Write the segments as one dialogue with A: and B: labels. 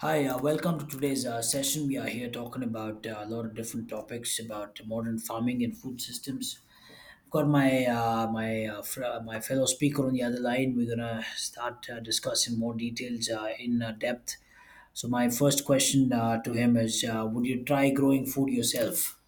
A: Hi, welcome to today's session. We are here talking about a lot of different topics about modern farming and food systems. I've got my fellow speaker on the other line. We're gonna start discussing more details in depth. So my first question to him is: Would you try growing food yourself?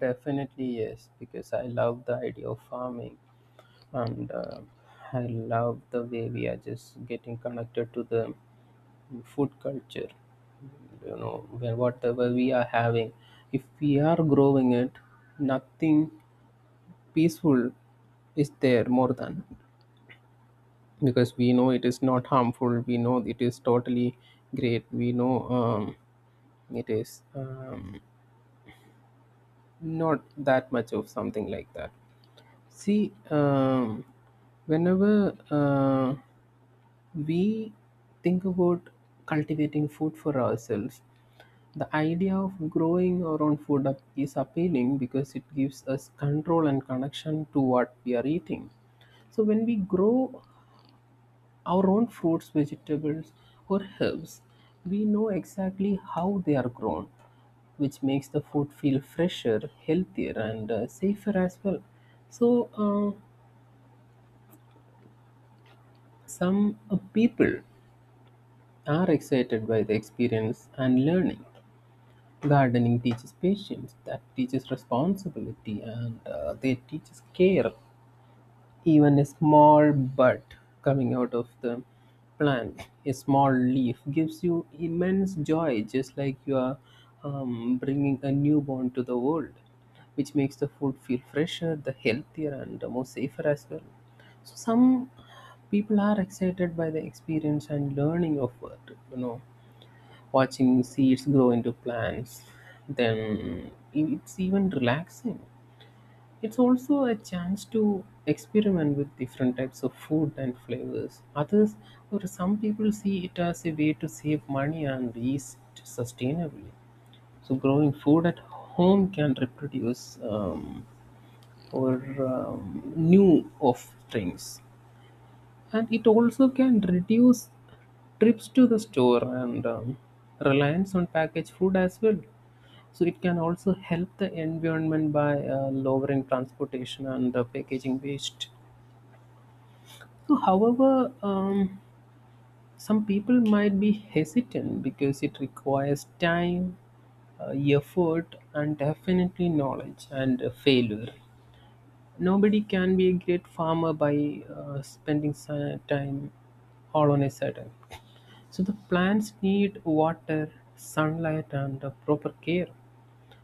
B: Definitely yes, because I love the idea of farming and I love the way we are just getting connected to the food culture. You know, where whatever we are having, if we are growing it, nothing peaceful is there more than because we know it is not harmful. We know it is totally great. We know it is not that much of something like that. See, whenever we think about cultivating food for ourselves, the idea of growing our own food up is appealing because it gives us control and connection to what we are eating. So, when we grow our own fruits, vegetables, or herbs, we know exactly how they are grown, which makes the food feel fresher, healthier, and safer as well. So, uh, Some people are excited by the experience and learning. Gardening teaches patience, that teaches responsibility, and they teaches care. Even a small bud coming out of the plant, a small leaf, gives you immense joy, just like you are bringing a newborn to the world, which makes the food feel fresher, the healthier, and the more safer as well. So some people are excited by the experience and learning of it, watching seeds grow into plants. Then it's even relaxing, it's also a chance to experiment with different types of food and flavors. Others, or some people, see it as a way to save money and eat sustainably. So, growing food at home can reproduce or new of things, and it also can reduce trips to the store and reliance on packaged food as well. So it can also help the environment by lowering transportation and packaging waste. So however, some people might be hesitant because it requires time, uh, effort, and definitely knowledge and failure. Nobody can be a great farmer by time all on a sudden. So the plants need water, sunlight, and proper care.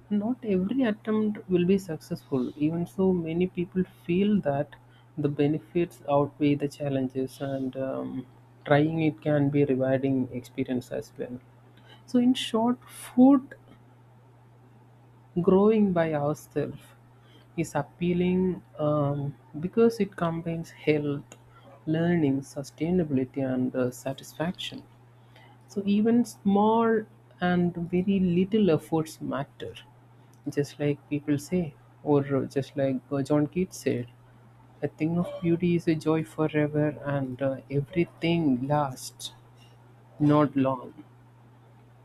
B: Not every attempt will be successful. Even so, many people feel that the benefits outweigh the challenges, and trying it can be a rewarding experience as well. So, in short, food growing by ourselves is appealing because it combines health, learning, sustainability, and satisfaction. So even small and very little efforts matter, just like people say, or just like John Keats said. A thing of beauty is a joy forever, and everything lasts not long.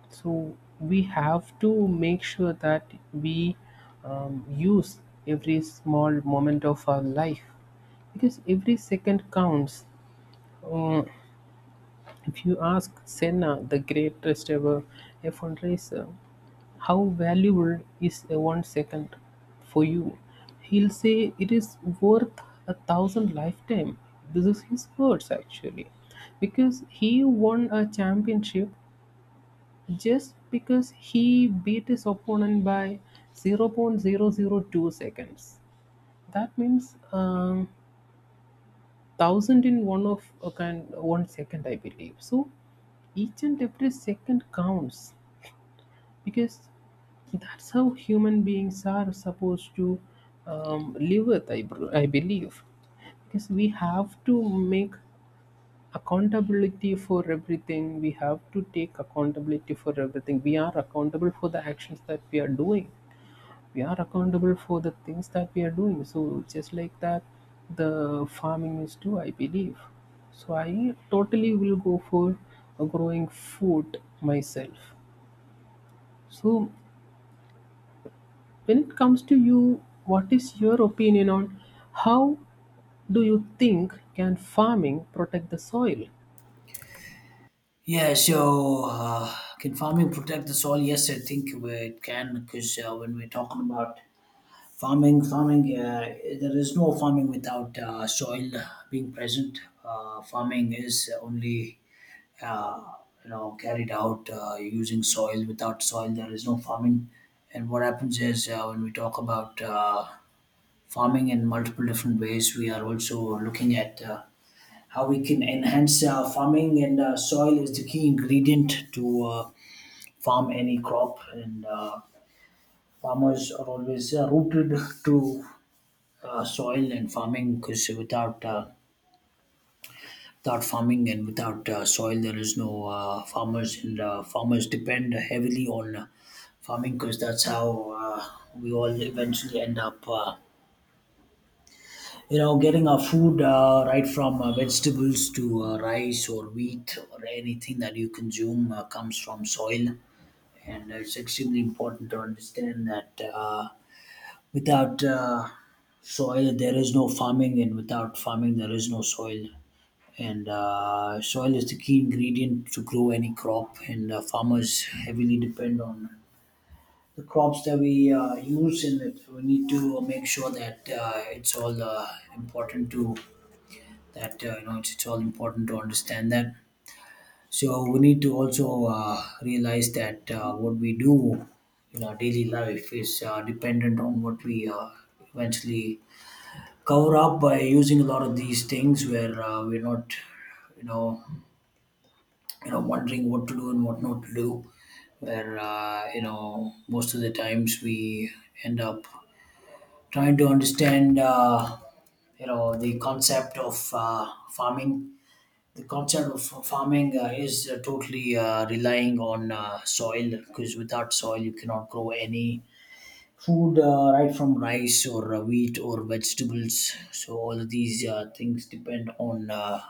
B: So we have to make sure that we use every small moment of our life because every second counts. Uh, if you ask Senna, the greatest ever F1 racer, how valuable is a 1 second for you, he'll say it is worth a 1,000 lifetime. This is his words actually, because he won a championship just because he beat his opponent by zero point zero zero 0.002 seconds. That means thousand in one of a kind 1 second, I believe. So each and every second counts because that's how human beings are supposed to live with, I believe. Because we have to make accountability for everything, we have to take accountability for everything. We are accountable for the actions that we are doing, we are accountable for the things that we are doing. So, just like that, the farming is too, I believe. So, I totally will go for growing food myself. So, when it comes to you, what is your opinion on how do you think can farming protect the soil?
A: Yeah, so can farming protect the soil? Yes, I think it can because when we're talking about farming, there is no farming without soil being present. Farming is only, uh, carried out using soil. Without soil, there is no farming. And what happens is when we talk about farming in multiple different ways, we are also looking at how we can enhance farming, and soil is the key ingredient to farm any crop. And farmers are always rooted to soil and farming because without farming and without soil, there is no farmers, and farmers depend heavily on farming because that's how we all eventually end up getting our food, right from vegetables to rice or wheat, or anything that you consume comes from soil. And it's extremely important to understand that Without soil, there is no farming, and without farming, there is no soil. And soil is the key ingredient to grow any crop, and farmers heavily depend on the crops that we use, and we need to make sure that it's all important to that it's all important to understand that. So we need to also realize that what we do in our daily life is dependent on what we eventually cover up by using a lot of these things where we're not, you know wondering what to do and what not to do, where most of the times we end up trying to understand, the concept of farming, the concept of farming is totally relying on soil, because without soil you cannot grow any food, right from rice or wheat or vegetables. So all of these things depend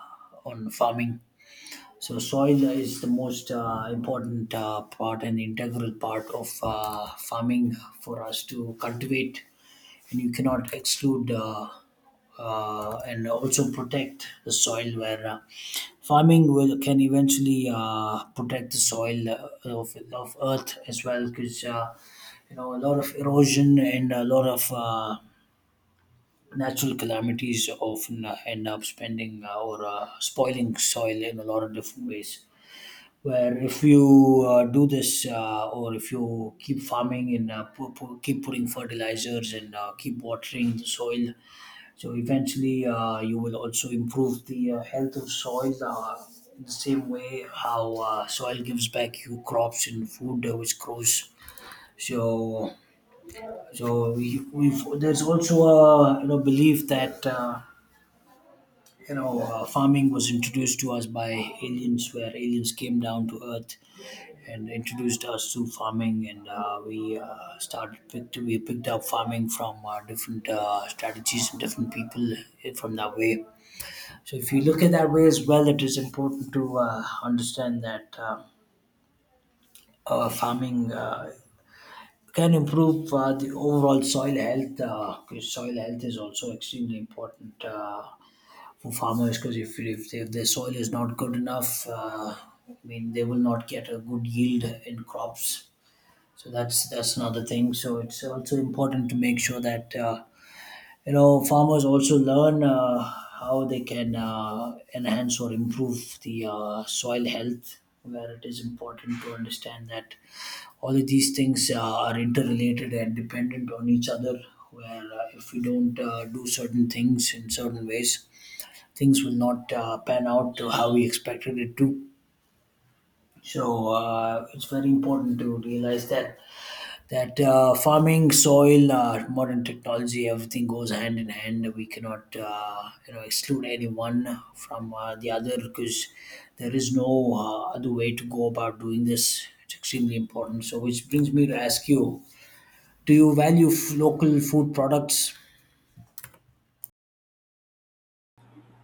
A: on farming. So soil is the most important part and integral part of farming for us to cultivate, and you cannot exclude and also protect the soil, where farming will can eventually protect the soil of earth as well, because a lot of erosion and a lot of natural calamities often end up spending or spoiling soil in a lot of different ways. Where if you do this or if you keep farming and keep putting fertilizers and keep watering the soil, so eventually, you will also improve the health of soil in the same way how soil gives back you crops and food which grows. So, there's also a belief that farming was introduced to us by aliens, where aliens came down to Earth and introduced us to farming, and we picked up farming from different strategies and different people, from that way. So if you look at that way as well, it is important to understand that farming can improve the overall soil health. 'Cause soil health is also extremely important for farmers, because if their soil is not good enough, I mean they will not get a good yield in crops. So that's another thing. So it's also important to make sure that. You know, farmers also learn how they can enhance or improve the soil health, where it is important to understand that all of these things are interrelated and dependent on each other. Where if we don't do certain things in certain ways, things will not pan out to how we expected it to. So it's very important to realize that farming, soil, modern technology, everything goes hand in hand. We cannot exclude anyone from the other, because there is no other way to go about doing this. It's extremely important. So which brings me to ask you, do you value local food products?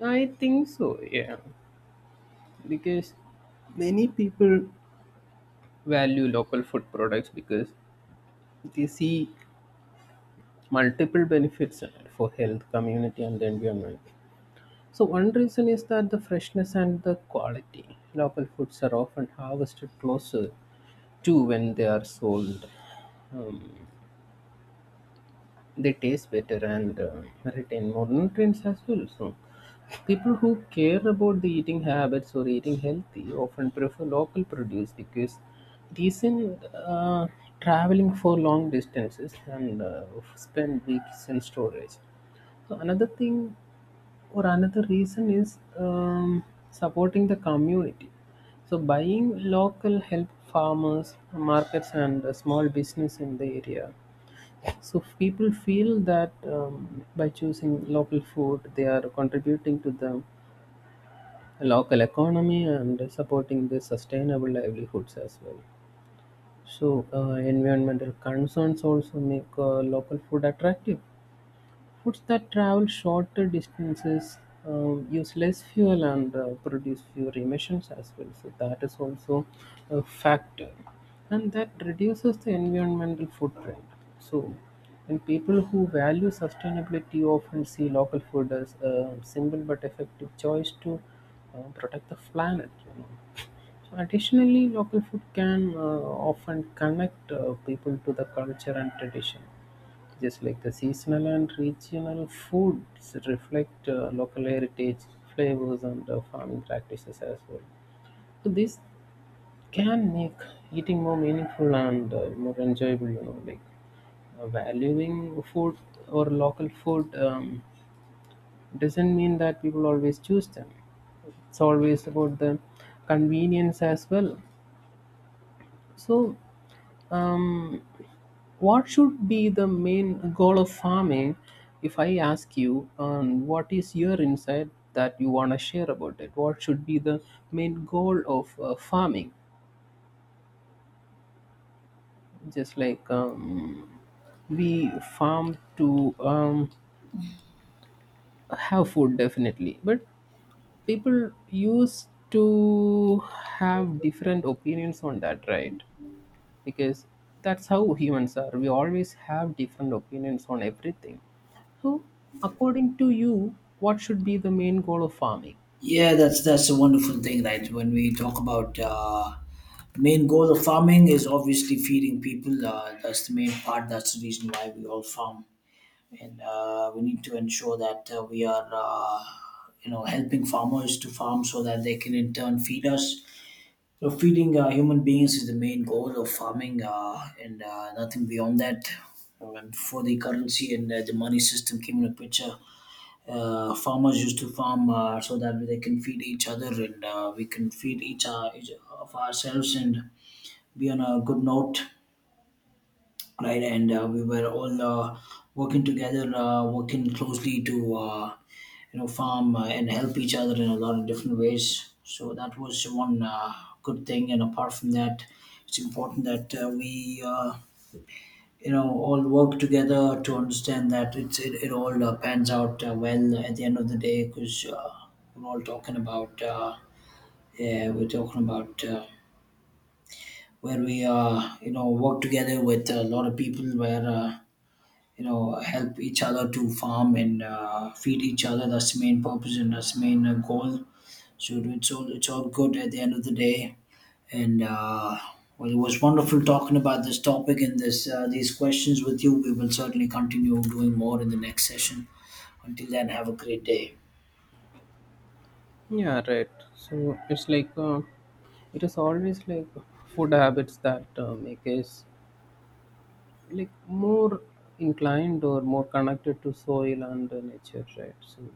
B: I think so, yeah, because many people value local food products because they see multiple benefits for health, community, and the environment. So, one reason is that the freshness and the quality. Local foods are often harvested closer to when they are sold. Um, they taste better and retain more nutrients as well. So, people who care about the eating habits or eating healthy often prefer local produce because it isn't traveling for long distances and spend weeks in storage. So, another thing or another reason is supporting the community. So, buying local help farmers, markets, and small business in the area. So people feel that by choosing local food, they are contributing to the local economy and supporting the sustainable livelihoods as well. So environmental concerns also make local food attractive. Routes that travel shorter distances use less fuel and produce fewer emissions as well. So that is also a factor, and that reduces the environmental footprint. So, and people who value sustainability often see local food as a simple but effective choice to protect the planet. You know. So additionally, local food can often connect people to the culture and tradition, just like the seasonal and regional foods reflect local heritage, flavors, and farming practices as well. So this can make eating more meaningful and more enjoyable. You know, like valuing food or local food doesn't mean that people always choose them. It's always about the convenience as well. So um, what should be the main goal of farming? If I ask you, what is your insight that you want to share about it? What should be the main goal of farming? Just like we farm to have food, definitely, but people used to have different opinions on that, right? Because that's how humans are. We always have different opinions on everything. So, according to you, what should be the main goal of farming?
A: Yeah, that's a wonderful thing, right? When we talk about the main goal of farming, is obviously feeding people. That's the main part, that's the reason why we all farm. And we need to ensure that we are, helping farmers to farm so that they can in turn feed us. So feeding human beings is the main goal of farming, and nothing beyond that. And before the currency and the money system came into picture, farmers used to farm so that they can feed each other, and we can feed each of ourselves and be on a good note, right? And we were all working together, working closely to farm and help each other in a lot of different ways. So that was one good thing. And apart from that, it's important that we all work together to understand that it all pans out well at the end of the day, because we're all talking about uh, yeah we're talking about. Where we work together with a lot of people, where help each other to farm and feed each other. That's the main purpose and that's the main goal. So it's all good at the end of the day. And well, it was wonderful talking about this topic and this these questions with you. We will certainly continue doing more in the next session. Until then, have a great day.
B: Yeah, right. So it's like it is always like food habits that make us like more inclined or more connected to soil and nature, right? So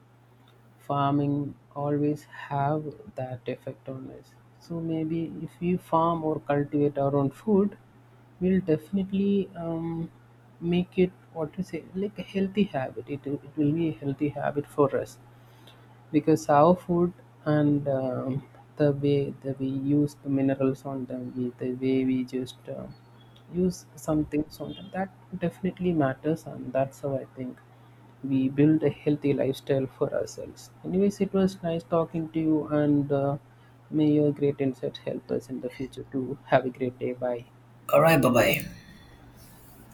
B: farming always have that effect on us, so maybe if we farm or cultivate our own food, we'll definitely make it, what to say, like a healthy habit. It will be a healthy habit for us because our food and the way that we use the minerals on them, the way we just use some things on them, that definitely matters, and that's how I think we build a healthy lifestyle for ourselves. Anyways, it was nice talking to you, and may your great insights help us in the future to have a great day. Bye.
A: All right, bye bye.